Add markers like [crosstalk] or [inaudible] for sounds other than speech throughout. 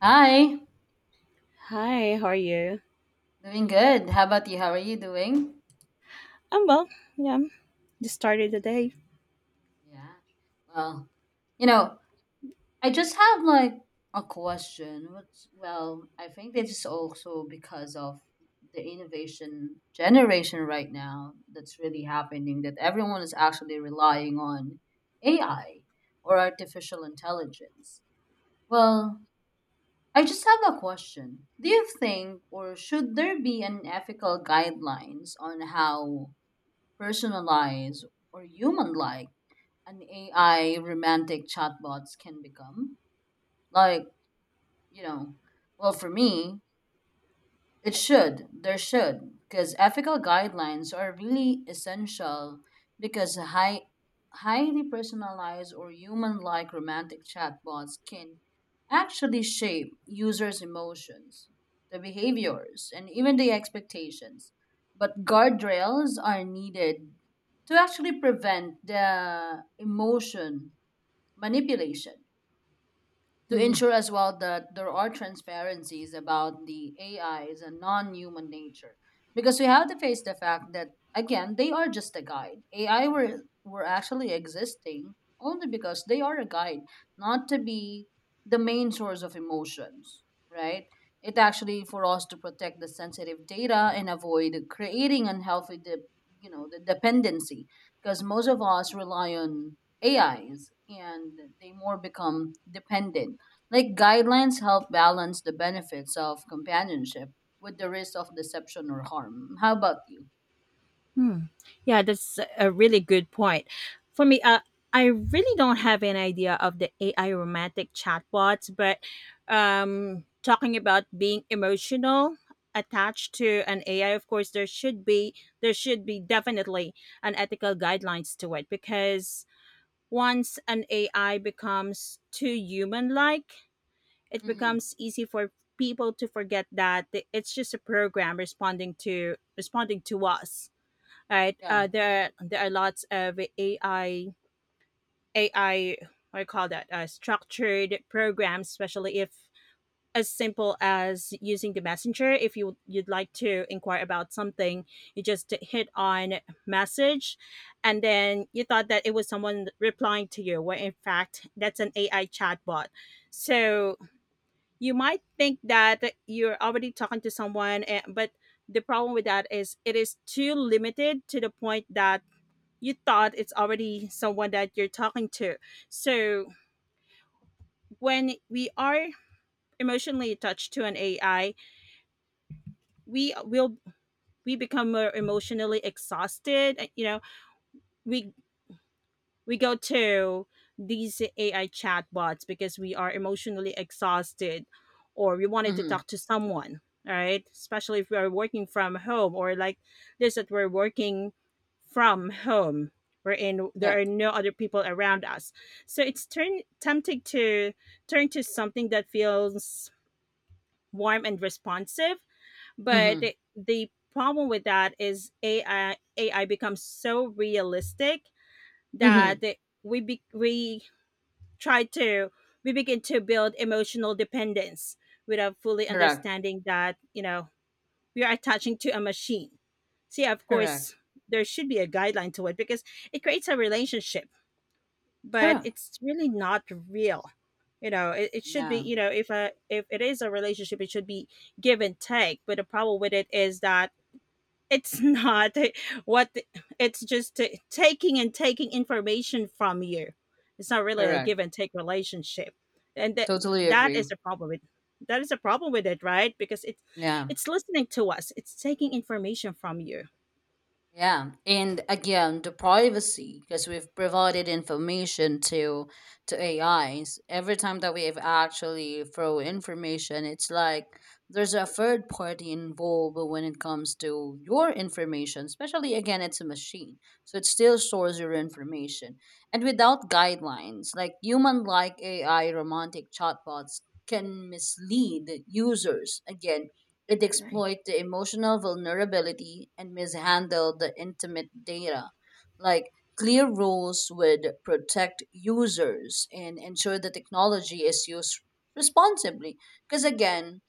Hi, Hi, how are you? doing good. How about you? How are you doing? I'm well. Yeah, just started Good the to hear. day. Yeah. Well, you know, I just have like a question. Well, I think this is also because of the innovation generation right now that's really happening, that everyone is actually relying on AI or artificial intelligence. Well, I just have a question. Do you think or should there be an ethical guidelines on how personalized or human like an AI romantic chatbots can become? Like, you know, well, for me, it should. There should. Because ethical guidelines are really essential, because highly personalized or human like romantic chatbots can actually shape users' emotions, the behaviors, and even the expectations. But guardrails are needed to actually prevent the emotion manipulation, to hmm ensure as well that there are transparencies about the AIs and non-human nature. Because we have to face the fact that, again, they are just a guide. AI were actually existing only because they are a guide, not to be the main source of emotions, right? It actually for us to protect the sensitive data and avoid creating unhealthy the dependency, because most of us rely on AIs and they more become dependent, like guidelines help balance the benefits of companionship with the risk of deception or harm. How about you? Yeah, that's a really good point. For me, I really don't have an idea of the AI romantic chatbots, but talking about being emotional attached to an AI, of course, there should be definitely an ethical guidelines to it because once an AI becomes too human like, it Mm-hmm. becomes easy for people to forget that it's just a program responding to us, right. Yeah. There are lots of ai what do you call that, structured programs, especially if as simple as using the messenger. If you'd like to inquire about something, you just hit on message and then you thought that it was someone replying to you, when in fact that's an ai chatbot. So you might think that you're already talking to someone but the problem with that is it is too limited to the point that you thought it's already someone that you're talking to. So when we are emotionally attached to an ai, we will, we become more emotionally exhausted. We go to these AI chatbots because we are emotionally exhausted, or we wanted to Mm-hmm. talk to someone, right? Especially if we are working from home, or like this, that we're working from home, wherein there are Yep. no other people around us. So it's turn tempting to turn to something that feels warm and responsive, but Mm-hmm. the problem with that is AI becomes so realistic Mm-hmm. that we be- we try to we begin to build emotional dependence without fully Correct. understanding that, you know, we are attaching to a machine. See, of Correct. course, there should be a guideline to it because it creates a relationship, but Correct. it's really not real. You know, it should be, Yeah. you know, if a, if it is a relationship, it should be give and take. But the problem with it is that it's not, [laughs] what, it's just taking and taking information from you. It's not really a give Correct. and take relationship, and that Totally that agree. is a problem with that is a problem with it, right? Because it's Yeah. it's listening to us, it's taking information from you, Yeah, and again, the privacy, because we've provided information to AIs. Every time that we've actually throw information, it's like there's a third party involved when it comes to your information. Especially again, it's a machine, so it still stores your information. And without guidelines, like human-like AI romantic chatbots can mislead users, again it right. exploit the emotional vulnerability and mishandle the intimate data. Like, clear rules would protect users and ensure the technology is used responsibly. Because again,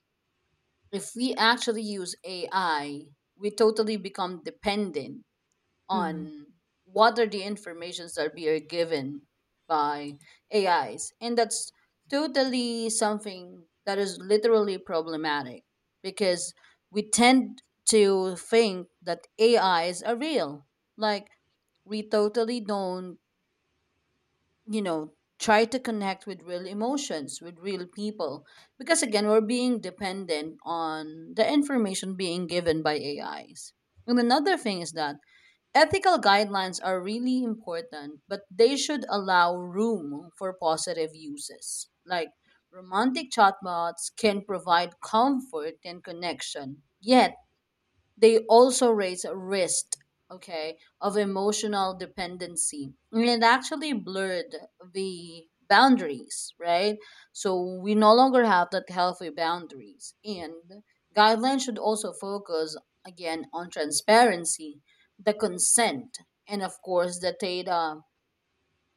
if we actually use AI, we totally become dependent hmm on what are the informations that we are given by AIs. And that's totally something that is literally problematic, because we tend to think that AIs are real. Like, we totally don't, you know, try to connect with real emotions, with real people. Because again, we're being dependent on the information being given by AIs. And another thing is that ethical guidelines are really important, but they should allow room for positive uses. Like, romantic chatbots can provide comfort and connection, yet they also raise a risk, okay, of emotional dependency, and it actually blurred the boundaries, right? So we no longer have that healthy boundaries, and guidelines should also focus again on transparency, the consent, and of course the data,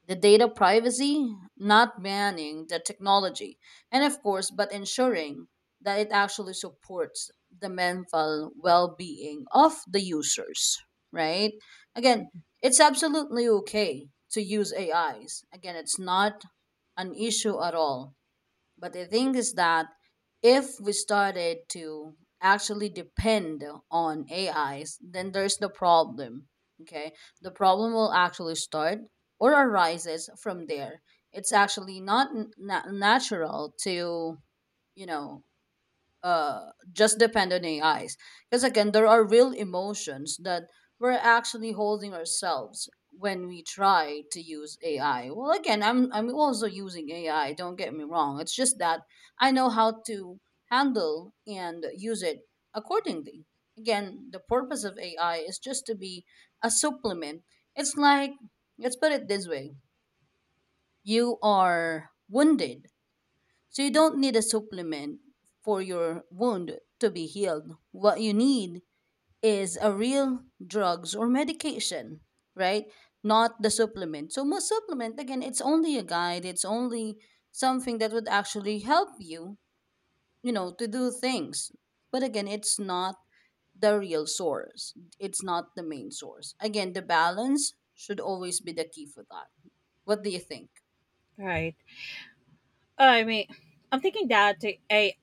the data privacy, not banning the technology, and of course, but ensuring that it actually supports the mental well being of the users, right? Again, it's absolutely okay to use AIs. Again, it's not an issue at all. But the thing is that if we started to actually depend on AIs, then there's the problem. Okay. The problem will actually start or arises from there. It's actually not natural to, you know, just depend on AIs. Because again, there are real emotions that we're actually holding ourselves when we try to use AI. Well, again, I'm also using AI. Don't get me wrong. It's just that I know how to handle and use it accordingly. Again, the purpose of AI is just to be a supplement. It's like, let's put it this way: you are wounded, so you don't need a supplement for your wound to be healed. What you need is a real drugs or medication, right? Not the supplement. So most supplement, again, it's only a guide. It's only something that would actually help you, you know, to do things. But again, it's not the real source. It's not the main source. Again, the balance should always be the key for that. What do you think? right. Oh, I mean, I'm thinking that, a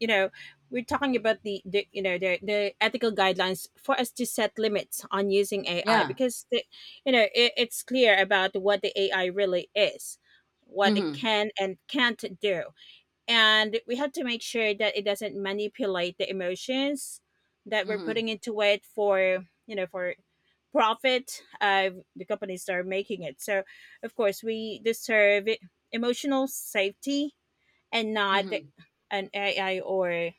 you know we're talking about the you know the ethical guidelines for us to set limits on using AI. Yeah. Because the, you know it, it's clear about what the AI really is, what it Mhm. can and can't do, and we have to make sure that it doesn't manipulate the emotions that we're putting Mhm. into it, for, you know, for profit, the companies that are making it. So of course we deserve emotional safety, and not Mhm. an AI or a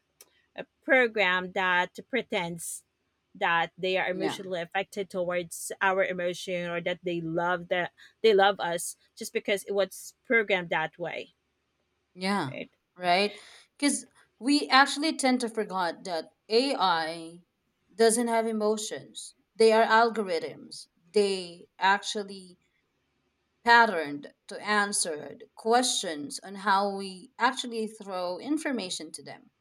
program that pretends that they are Yeah. emotionally affected towards our emotion, or that they love us just because it was programmed that way, Yeah, right. right? Because we actually tend to forget that AI doesn't have emotions. They are algorithms. They actually patterned to answered questions on how we actually throw information to them.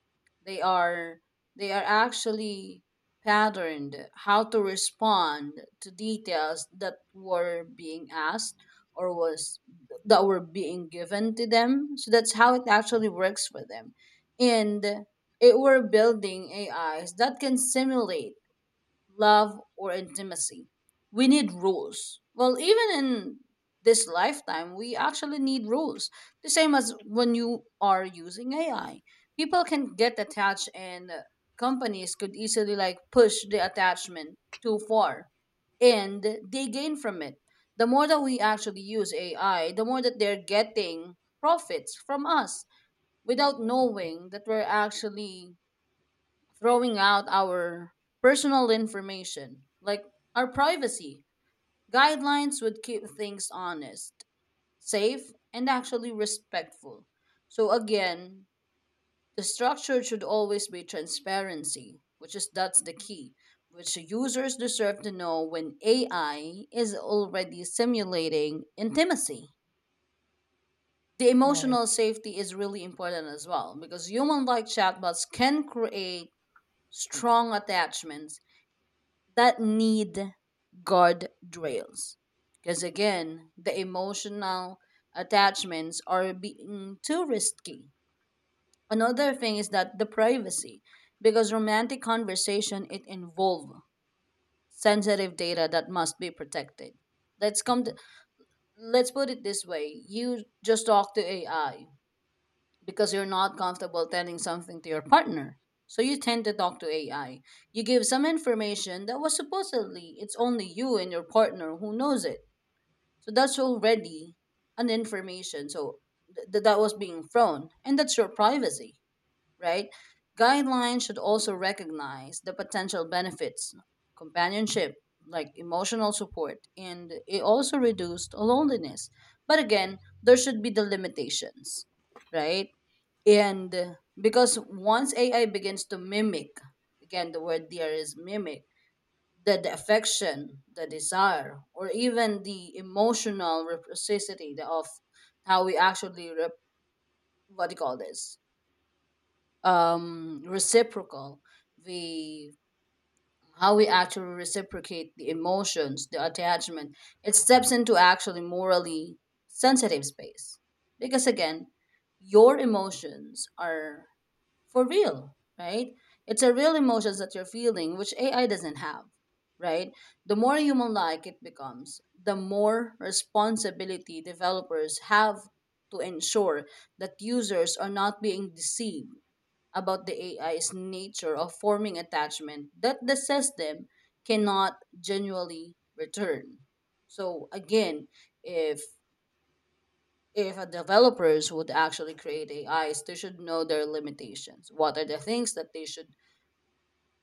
They are they are actually patterned how to respond to details that were being asked, or was that were being given to them. So that's how it actually works for them. And it were building AIs that can simulate love or intimacy. We need rules. Well, even in this lifetime, we actually need rules. The same as when you are using AI. People can get attached, and companies could easily like push the attachment too far, and they gain from it. The more that we actually use AI, the more that they're getting profits from us without knowing that we're actually throwing out our personal information, like our privacy. Guidelines would keep things honest, safe, and actually respectful. So, again, the structure should always be transparency, which is that's the key, which the users deserve to know when AI is already simulating intimacy. The emotional safety is really important as well, because human like chatbots can create strong attachments that need God drills. Because again, the emotional attachments are being too risky. Another thing is that the privacy, because romantic conversation it involve sensitive data that must be protected. Let's come. To, let's put it this way: you just talk to AI because you're not comfortable telling something to your partner. So you tend to talk to AI. You give some information that was supposedly it's only you and your partner who knows it. So that's already an information. So that was being thrown, and that's your privacy, right? Guidelines should also recognize the potential benefits, companionship, like emotional support, and it also reduced loneliness. But again, there should be the limitations, right? And because once AI begins to mimic, again, the word there is mimic, the affection, the desire, or even the emotional reciprocity of how we actually, rep- what do you call this? Reciprocal, the how we actually reciprocate the emotions, the attachment, it steps into actually morally sensitive space, because again your emotions are for real, right? It's a real emotions that you're feeling, which AI doesn't have, right? The more human like it becomes, the more responsibility developers have to ensure that users are not being deceived about the AI's nature of forming attachment that the system cannot genuinely return. So again, if if a developers would actually create AIs, they should know their limitations. What are the things that they should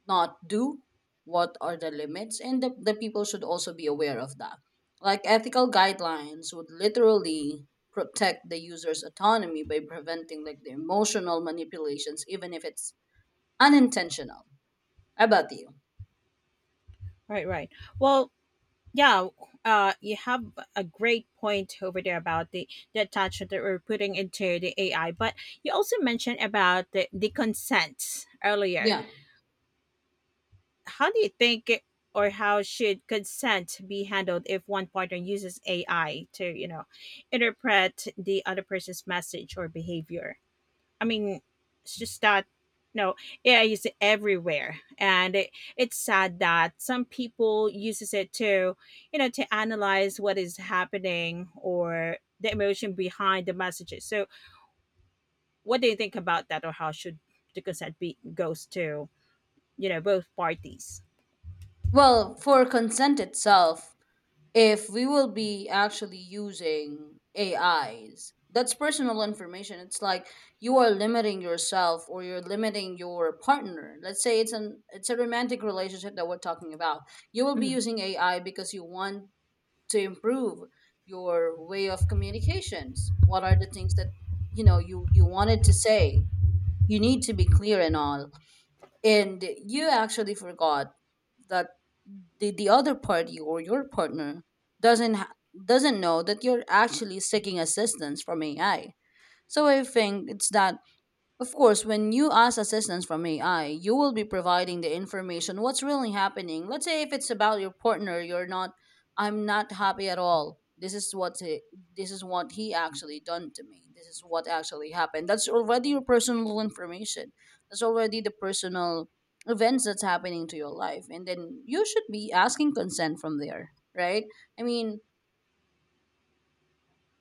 not do? What are the limits? And the people should also be aware of that. Like ethical guidelines would literally protect the user's autonomy by preventing like the emotional manipulations, even if it's unintentional. How about you? right right well, yeah, you have a great point over there about the attachment that we're putting into the ai. But you also mentioned about the consent earlier. Yeah. How do you think it- or how should consent be handled if one partner uses AI to, you know, interpret the other person's message or behavior? I mean, it's just that, no, AI is everywhere, and it, it's sad that some people uses it to, you know, to analyze what is happening or the emotion behind the messages. So what do you think about that, or how should the consent be goes to, you know, both parties? Well, for consent itself, if we will be actually using AIs, that's personal information. It's like you are limiting yourself or you're limiting your partner. Let's say it's a romantic relationship that we're talking about. You will be Mhm, using AI because you want to improve your way of communications. What are the things that you know you wanted to say? You need to be clear and all. And you actually forgot that the other party or your partner doesn't ha- doesn't know that you're actually seeking assistance from AI. So I think it's that, of course, when you ask assistance from AI, you will be providing the information what's really happening. Let's say if it's about your partner, you're not I'm not happy at all. This is what he actually done to me. This is what actually happened. That's already your personal information. That's already the personal events that's happening to your life. And then you should be asking consent from there, right? I mean,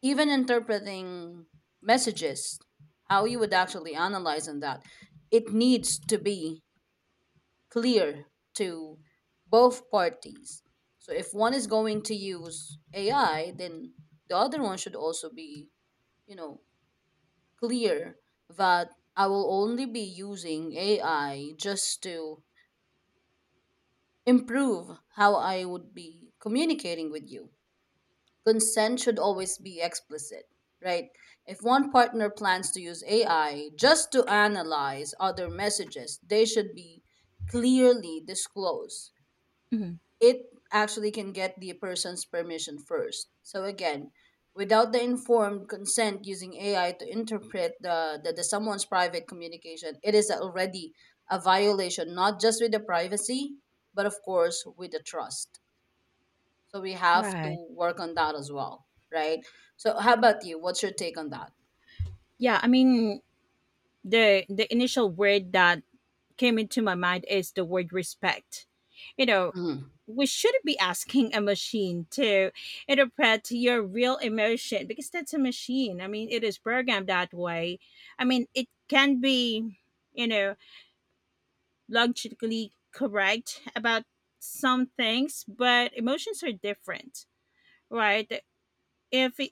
even interpreting messages, how you would actually analyze on that, it needs to be clear to both parties. So if one is going to use AI, then the other one should also be, you know, clear that I will only be using AI just to improve how I would be communicating with you. Consent should always be explicit, right? If one partner plans to use AI just to analyze other messages, they should be clearly disclosed. mhm, It actually can get the person's permission first. So again, without the informed consent using AI to interpret the someone's private communication, it is already a violation not just with the privacy, but of course with the trust. So we have right. to work on that as well, right? So how about you? What's your take on that? Yeah, I mean, the initial word that came into my mind is the word respect. You know, Mm-hmm. we shouldn't be asking a machine to interpret your real emotion, because that's a machine. I mean, it is programmed that way. I mean, it can be, you know, logically correct about some things, but emotions are different, right? If it,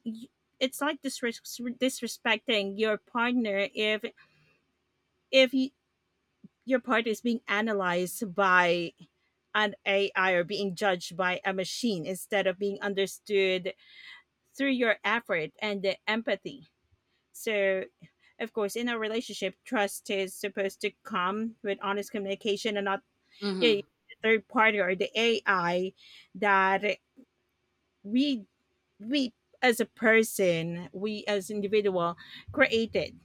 it's like disrespecting your partner if you, your partner is being analyzed by an AI or being judged by a machine instead of being understood through your effort and the empathy. So of course, in a relationship, trust is supposed to come with honest communication, and not, yeah, the Mm-hmm. third party or the AI that we we we as individual created.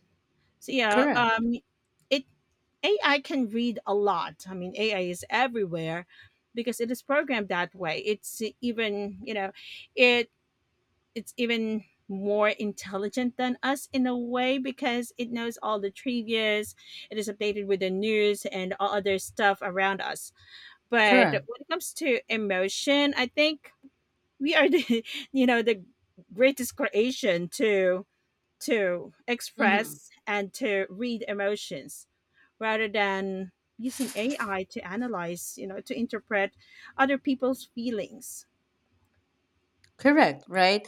So yeah, Correct. It, AI can read a lot. I mean AI is everywhere because it is programmed that way. It's even, you know, it it's even more intelligent than us in a way, because it knows all the trivias, it is updated with the news and all other stuff around us. But Correct. when it comes to emotion, I think we are the [laughs] you know, the greatest creation to Mm-hmm. express and to read emotions, rather than using AI to analyze, you know, to interpret other people's feelings. Correct. Right.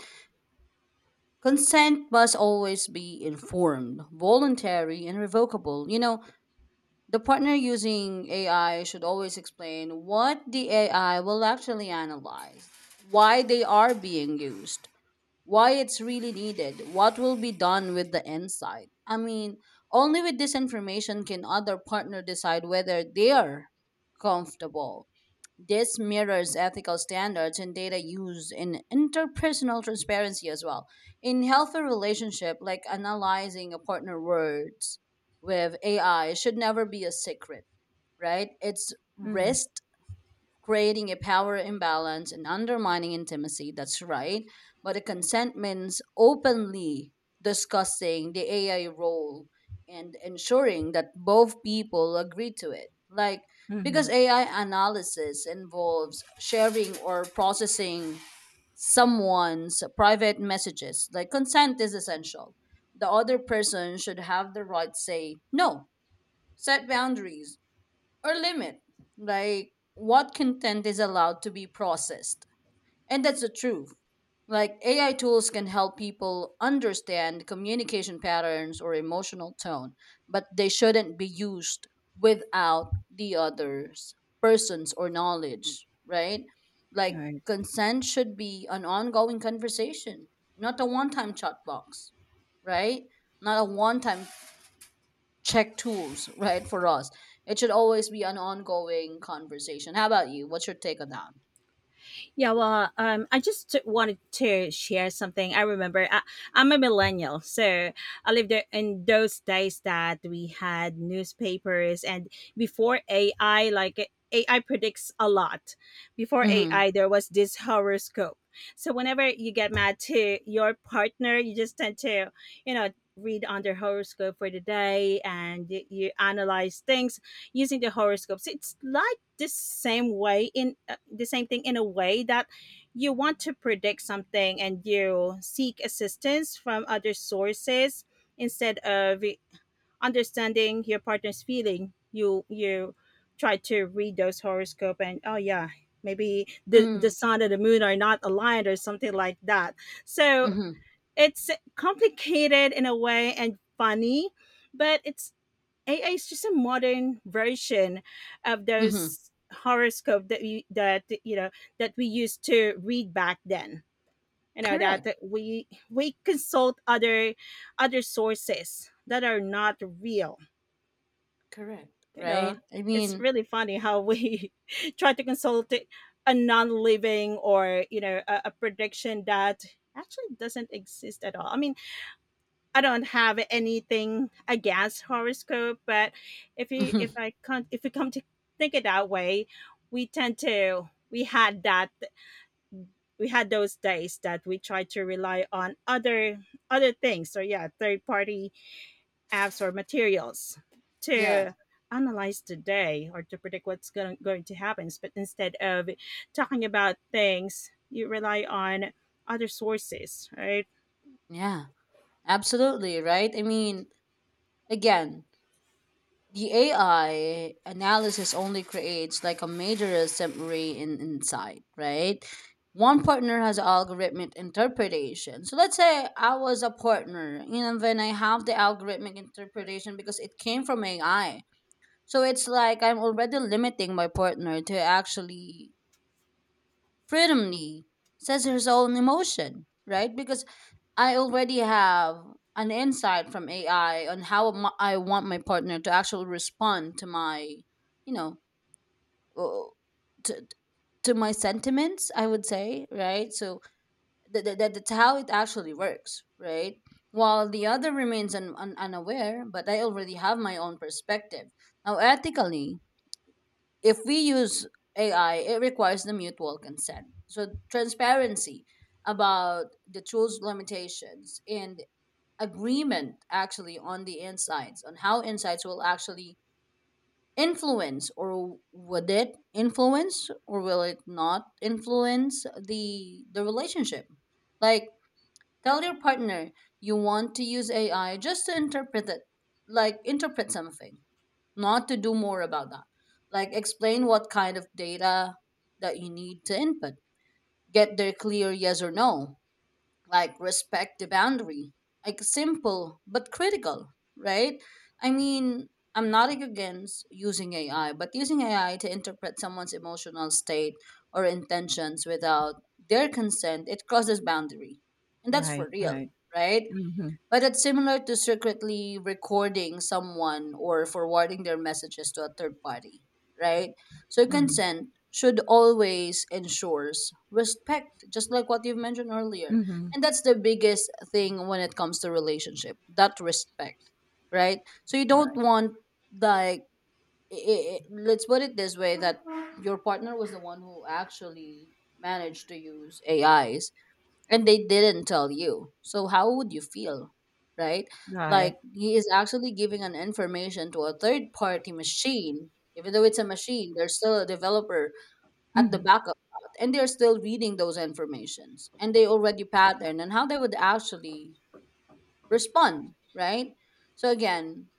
Consent must always be informed, voluntary, and revocable. You know, the partner using AI should always explain what the AI will actually analyze, why they are being used, why it's really needed, what will be done with the insight. I mean, only with this information can other partner decide whether they are comfortable. This mirrors ethical standards and data use in interpersonal transparency as well. In healthy relationship, like analyzing a partner words with AI should never be a secret, right? It's Mm-hmm. risk creating a power imbalance and undermining intimacy. That's right. But the consent means openly discussing the AI role and ensuring that both people agree to it. Like, because Mm-hmm. AI analysis involves sharing or processing someone's private messages, like, consent is essential. The other person should have the right to say no, set boundaries, or limit like what content is allowed to be processed. And that's the truth, like AI tools can help people understand communication patterns or emotional tone, but they shouldn't be used without the other's persons or knowledge, right? Like consent should be an ongoing conversation, not a one-time chat box, right? Not a one-time check tools, [laughs] right? For us, it should always be an ongoing conversation. How about you? What's your take on that? Yeah, well, wanted to share something. I'm a millennial, so I lived there in those days that we had newspapers, and before AI, like, AI predicts a lot. Before Mm-hmm. AI, there was this horoscope. So whenever you get mad to your partner, you just tend to, you know, read on their horoscope for the day and you analyze things using the horoscopes. It's like this same way in, the same thing in a way, that you want to predict something and you seek assistance from other sources instead of understanding your partner's feeling. You try to read those horoscope, and oh yeah, maybe the Mm-hmm. sun and the moon are not aligned, or something like that. So Mm-hmm. it's complicated in a way, and funny, but it's, AI is just a modern version of Mm-hmm. those horoscope that we that you know that we used to read back then. You know that Correct. we consult other sources that are not real. Correct. You know, Right. I it's mean, really funny how we [laughs] try to consult a non-living, or you know, a prediction that actually doesn't exist at all. I mean, I don't have anything against horoscope, but if you if [laughs] I can't if you come to think it that way, we tend to we had that we had those days that we tried to rely on other things. So yeah, third party apps or materials yeah. to analyze the day or to predict what's going to happen. But instead of talking about things, you rely on other sources, right? Yeah. Absolutely. Right. I mean, again, the AI analysis only creates like a major summary in insight, right? One partner has algorithmic interpretation. So let's say I was a partner, and then I have the algorithmic interpretation because it came from AI. So it's like I'm already limiting my partner to actually freedomly says his own emotion, right? Because I already have an insight from AI on how my, I want my partner to actually respond to my, you know, uh, to to my sentiments. I would say, right? So that's how it actually works, right? While the other remains unaware, but I already have my own perspective. Now, ethically, if we use AI, it requires the mutual consent. So transparency about the tools limitations and agreement actually on the insights on how insights will actually influence or would it influence or will it not influence the relationship, like tell your partner you want to use AI just to interpret it, like interpret something, not to do more about that. Like explain what kind of data that you need to input. Get their clear yes or no, like respect the boundary, like simple but critical, right? I mean, I'm not against using AI, but using AI to interpret someone's emotional state or intentions without their consent, it crosses boundary, and that's Right, for real, right. right? Mm-hmm, But it's similar to secretly recording someone or forwarding their messages to a third party, right? So mm-hmm, consent should always ensures respect, just like what you've mentioned earlier. mm-hmm. And that's the biggest thing when it comes to relationship, that respect, right? So you don't Right. want like I, let's put it this way, that your partner was the one who actually managed to use AIs and they didn't tell you. So how would you feel? Right? Right. Like he is actually giving an information to a third party machine. Even though it's a machine, there's still a developer at the Mhm. back of that. And they're still reading those informations. And they already pattern and how they would actually respond, right? So again,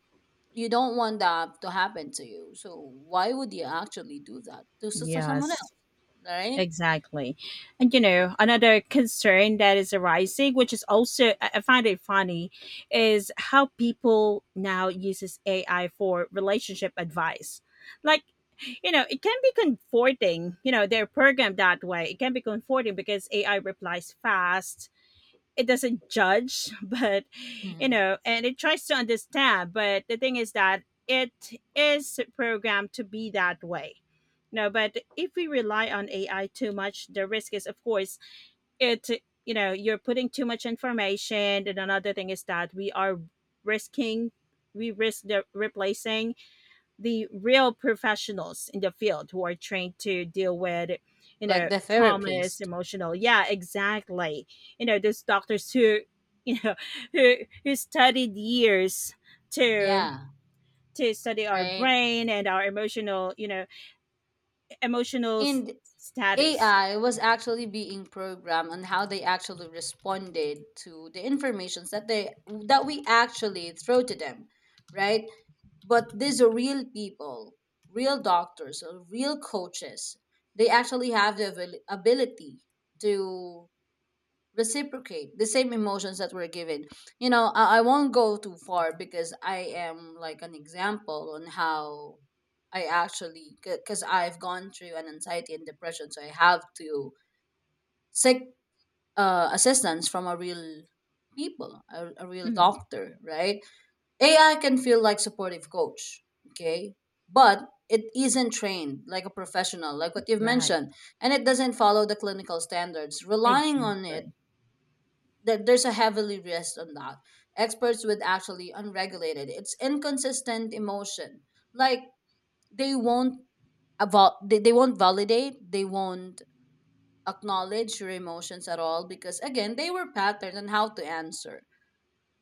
you don't want that to happen to you. So why would you actually do that to to someone Yes, else, right? exactly. And you know, another concern that is arising, which is also I find it funny, is how people now uses AI for relationship advice. Like, you know, it can be comforting, you know, they're programmed that way. It can be comforting because AI replies fast, it doesn't judge, [laughs] but you Hmm. know, and it tries to understand. But the thing is that it is programmed to be that way. No, but if we rely on AI too much, the risk is, of course, it you know, you're putting too much information. And another thing is that we are risking, we risk the replacing the real professionals in the field who are trained to deal with, you Like know, the traumas, therapist. emotional, yeah, exactly, you know, those doctors who, you know, [laughs] who who studied years to Yeah, to study our right. brain and our emotional, you know, emotional And status. AI was actually being programmed on how they actually responded to the informations that they that we actually throw to them, right? But these are real people, real doctors, or real coaches. They actually have the ability to reciprocate the same emotions that we're given. You know, I won't go too far because I am like an example on how I actually because I've gone through an anxiety and depression, so I have to sick assistance from a real people, a real Mhm. doctor, right? AI can feel like supportive coach, okay, but it isn't trained like a professional, like what you've Right, mentioned, and it doesn't follow the clinical standards. Relying on it, exactly. that there's a heavily risk on that. Experts would actually unregulated, it's inconsistent emotion, like they won't they won't validate, they won't acknowledge your emotions at all, because again they were patterned on how to answer,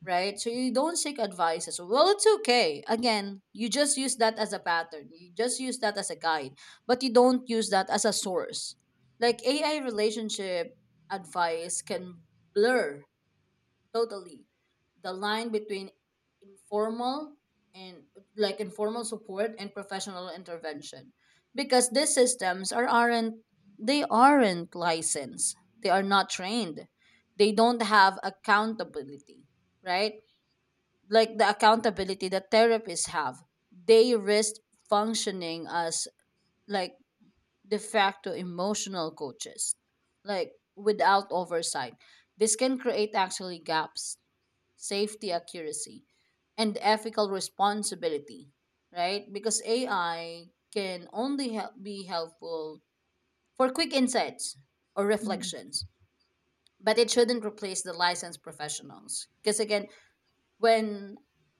right? So you don't seek advices, well, it's okay, again, you just use that as a pattern, you just use that as a guide, but you don't use that as a source. Like AI relationship advice can blur totally the line between informal and like informal support and professional intervention, because these systems aren't, they aren't licensed, they are not trained, they don't have accountability, right? Like the accountability that therapists have, they risk functioning as like de facto emotional coaches, like without oversight. This can create actually gaps, safety accuracy, and ethical responsibility, right? Because AI can only help be helpful for quick insights or Mhm. reflections, but it shouldn't replace the licensed professionals. Because again, when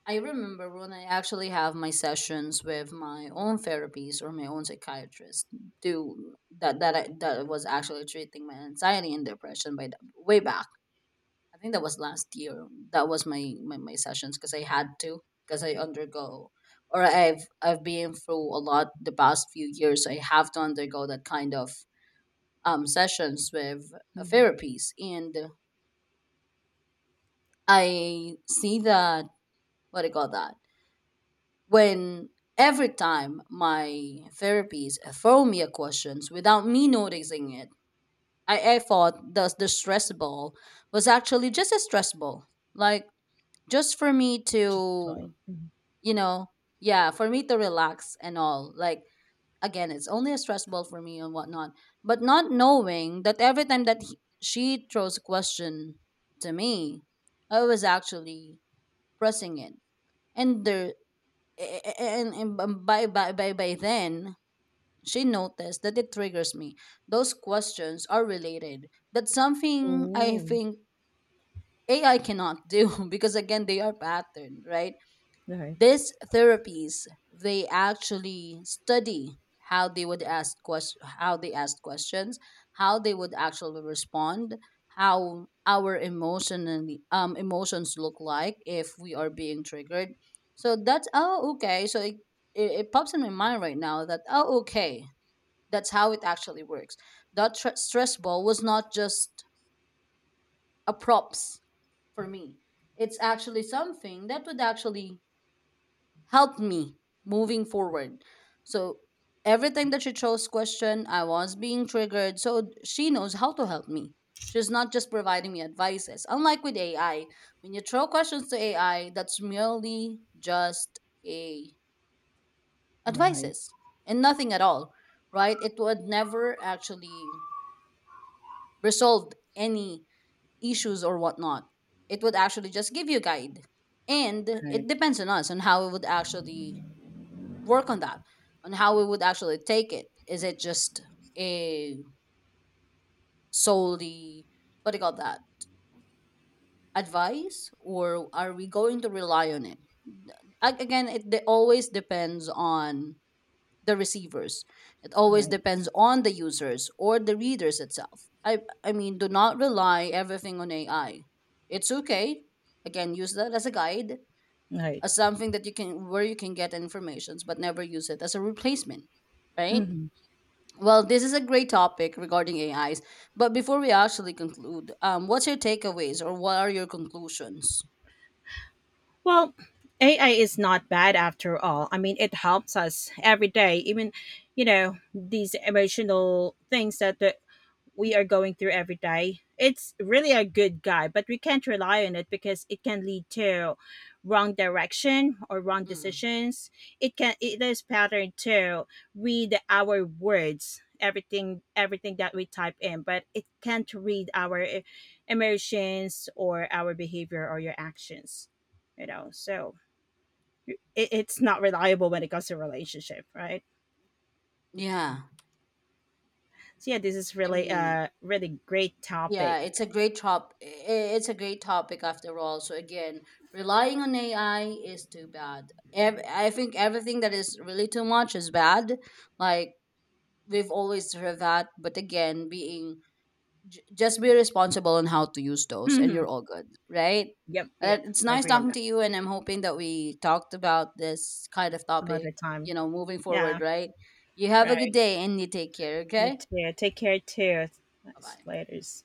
I remember when I actually have my sessions with my own therapies or my own psychiatrist do that that I, that was actually treating my anxiety and depression, by the, way back I think that was last year. That was my my sessions because I had to because I undergo or I've been through a lot the past few years. I have to undergo that kind of sessions with therapies, and I see that, what do you call that, when every time my therapies throw me a questions without me noticing it. I thought the stress ball was actually just a stress ball, like just for me Just toy. to, Mhm. you know, yeah, for me to relax and all, like again, it's only a stress ball for me and whatnot, but not knowing that every time that she throws a question to me, I was actually pressing it. And there and by then she noticed that it triggers me, those questions are related. That's something I Oh. think AI cannot do. [laughs] Because again they are patterned, right? Right, These therapies, they actually study how they would ask question, how they ask questions, how they would actually respond, how our emotionally emotions look like if we are being triggered. So that's, oh okay, so it pops in my mind right now that, oh okay, that's how it actually works, that stress ball was not just a props for me, it's actually something that would actually helped me moving forward. So every time that she chose question, I was being triggered. So she knows how to help me. She's not just providing me advices. Unlike with AI, when you throw questions to AI, that's merely just a right, advices and nothing at all, right? It would never actually resolve any issues or whatnot. It would actually just give you a guide. And it right, depends on us on how we would actually work on that, on how we would actually take it, is it just a solely, what do you call that, advice, or are we going to rely on it? Again, it always depends on the receivers, it always right, depends on the users or the readers itself. I mean, do not rely everything on AI, it's okay, again, use that as a guide, right. as something that you can where you can get informations, but never use it as a replacement, right? Mhm. Well, this is a great topic regarding AIs. But before we actually conclude, what's your takeaways or what are your conclusions? Well, AI is not bad after all. I mean, it helps us every day, even, you know, these emotional things that the we are going through every day. It's really a good guide, but we can't rely on it, because it can lead to wrong direction or wrong Mm. decisions. It is pattern to read our words, everything that we type in, but it can't read our emotions or our behavior or your actions. You know, so it, it's not reliable when it comes to relationship, right? Yeah, So yeah, this is I really mean, a really great topic. yeah, it's a great It's a great topic after all. So again, relying on AI is too bad. I think everything that is really too much is bad. Like, we've always heard that, but again, being just be responsible on how to use those, and you're [laughs] all good, right? Yep, yep. it's I nice agree on talking that. to you, and I'm hoping that we talked about this kind of Some other topic. time. You know, moving Yeah, forward, right? You have a good right. day, and you take care. Me Okay, too. Take care too. bye Nice. bye. Laters.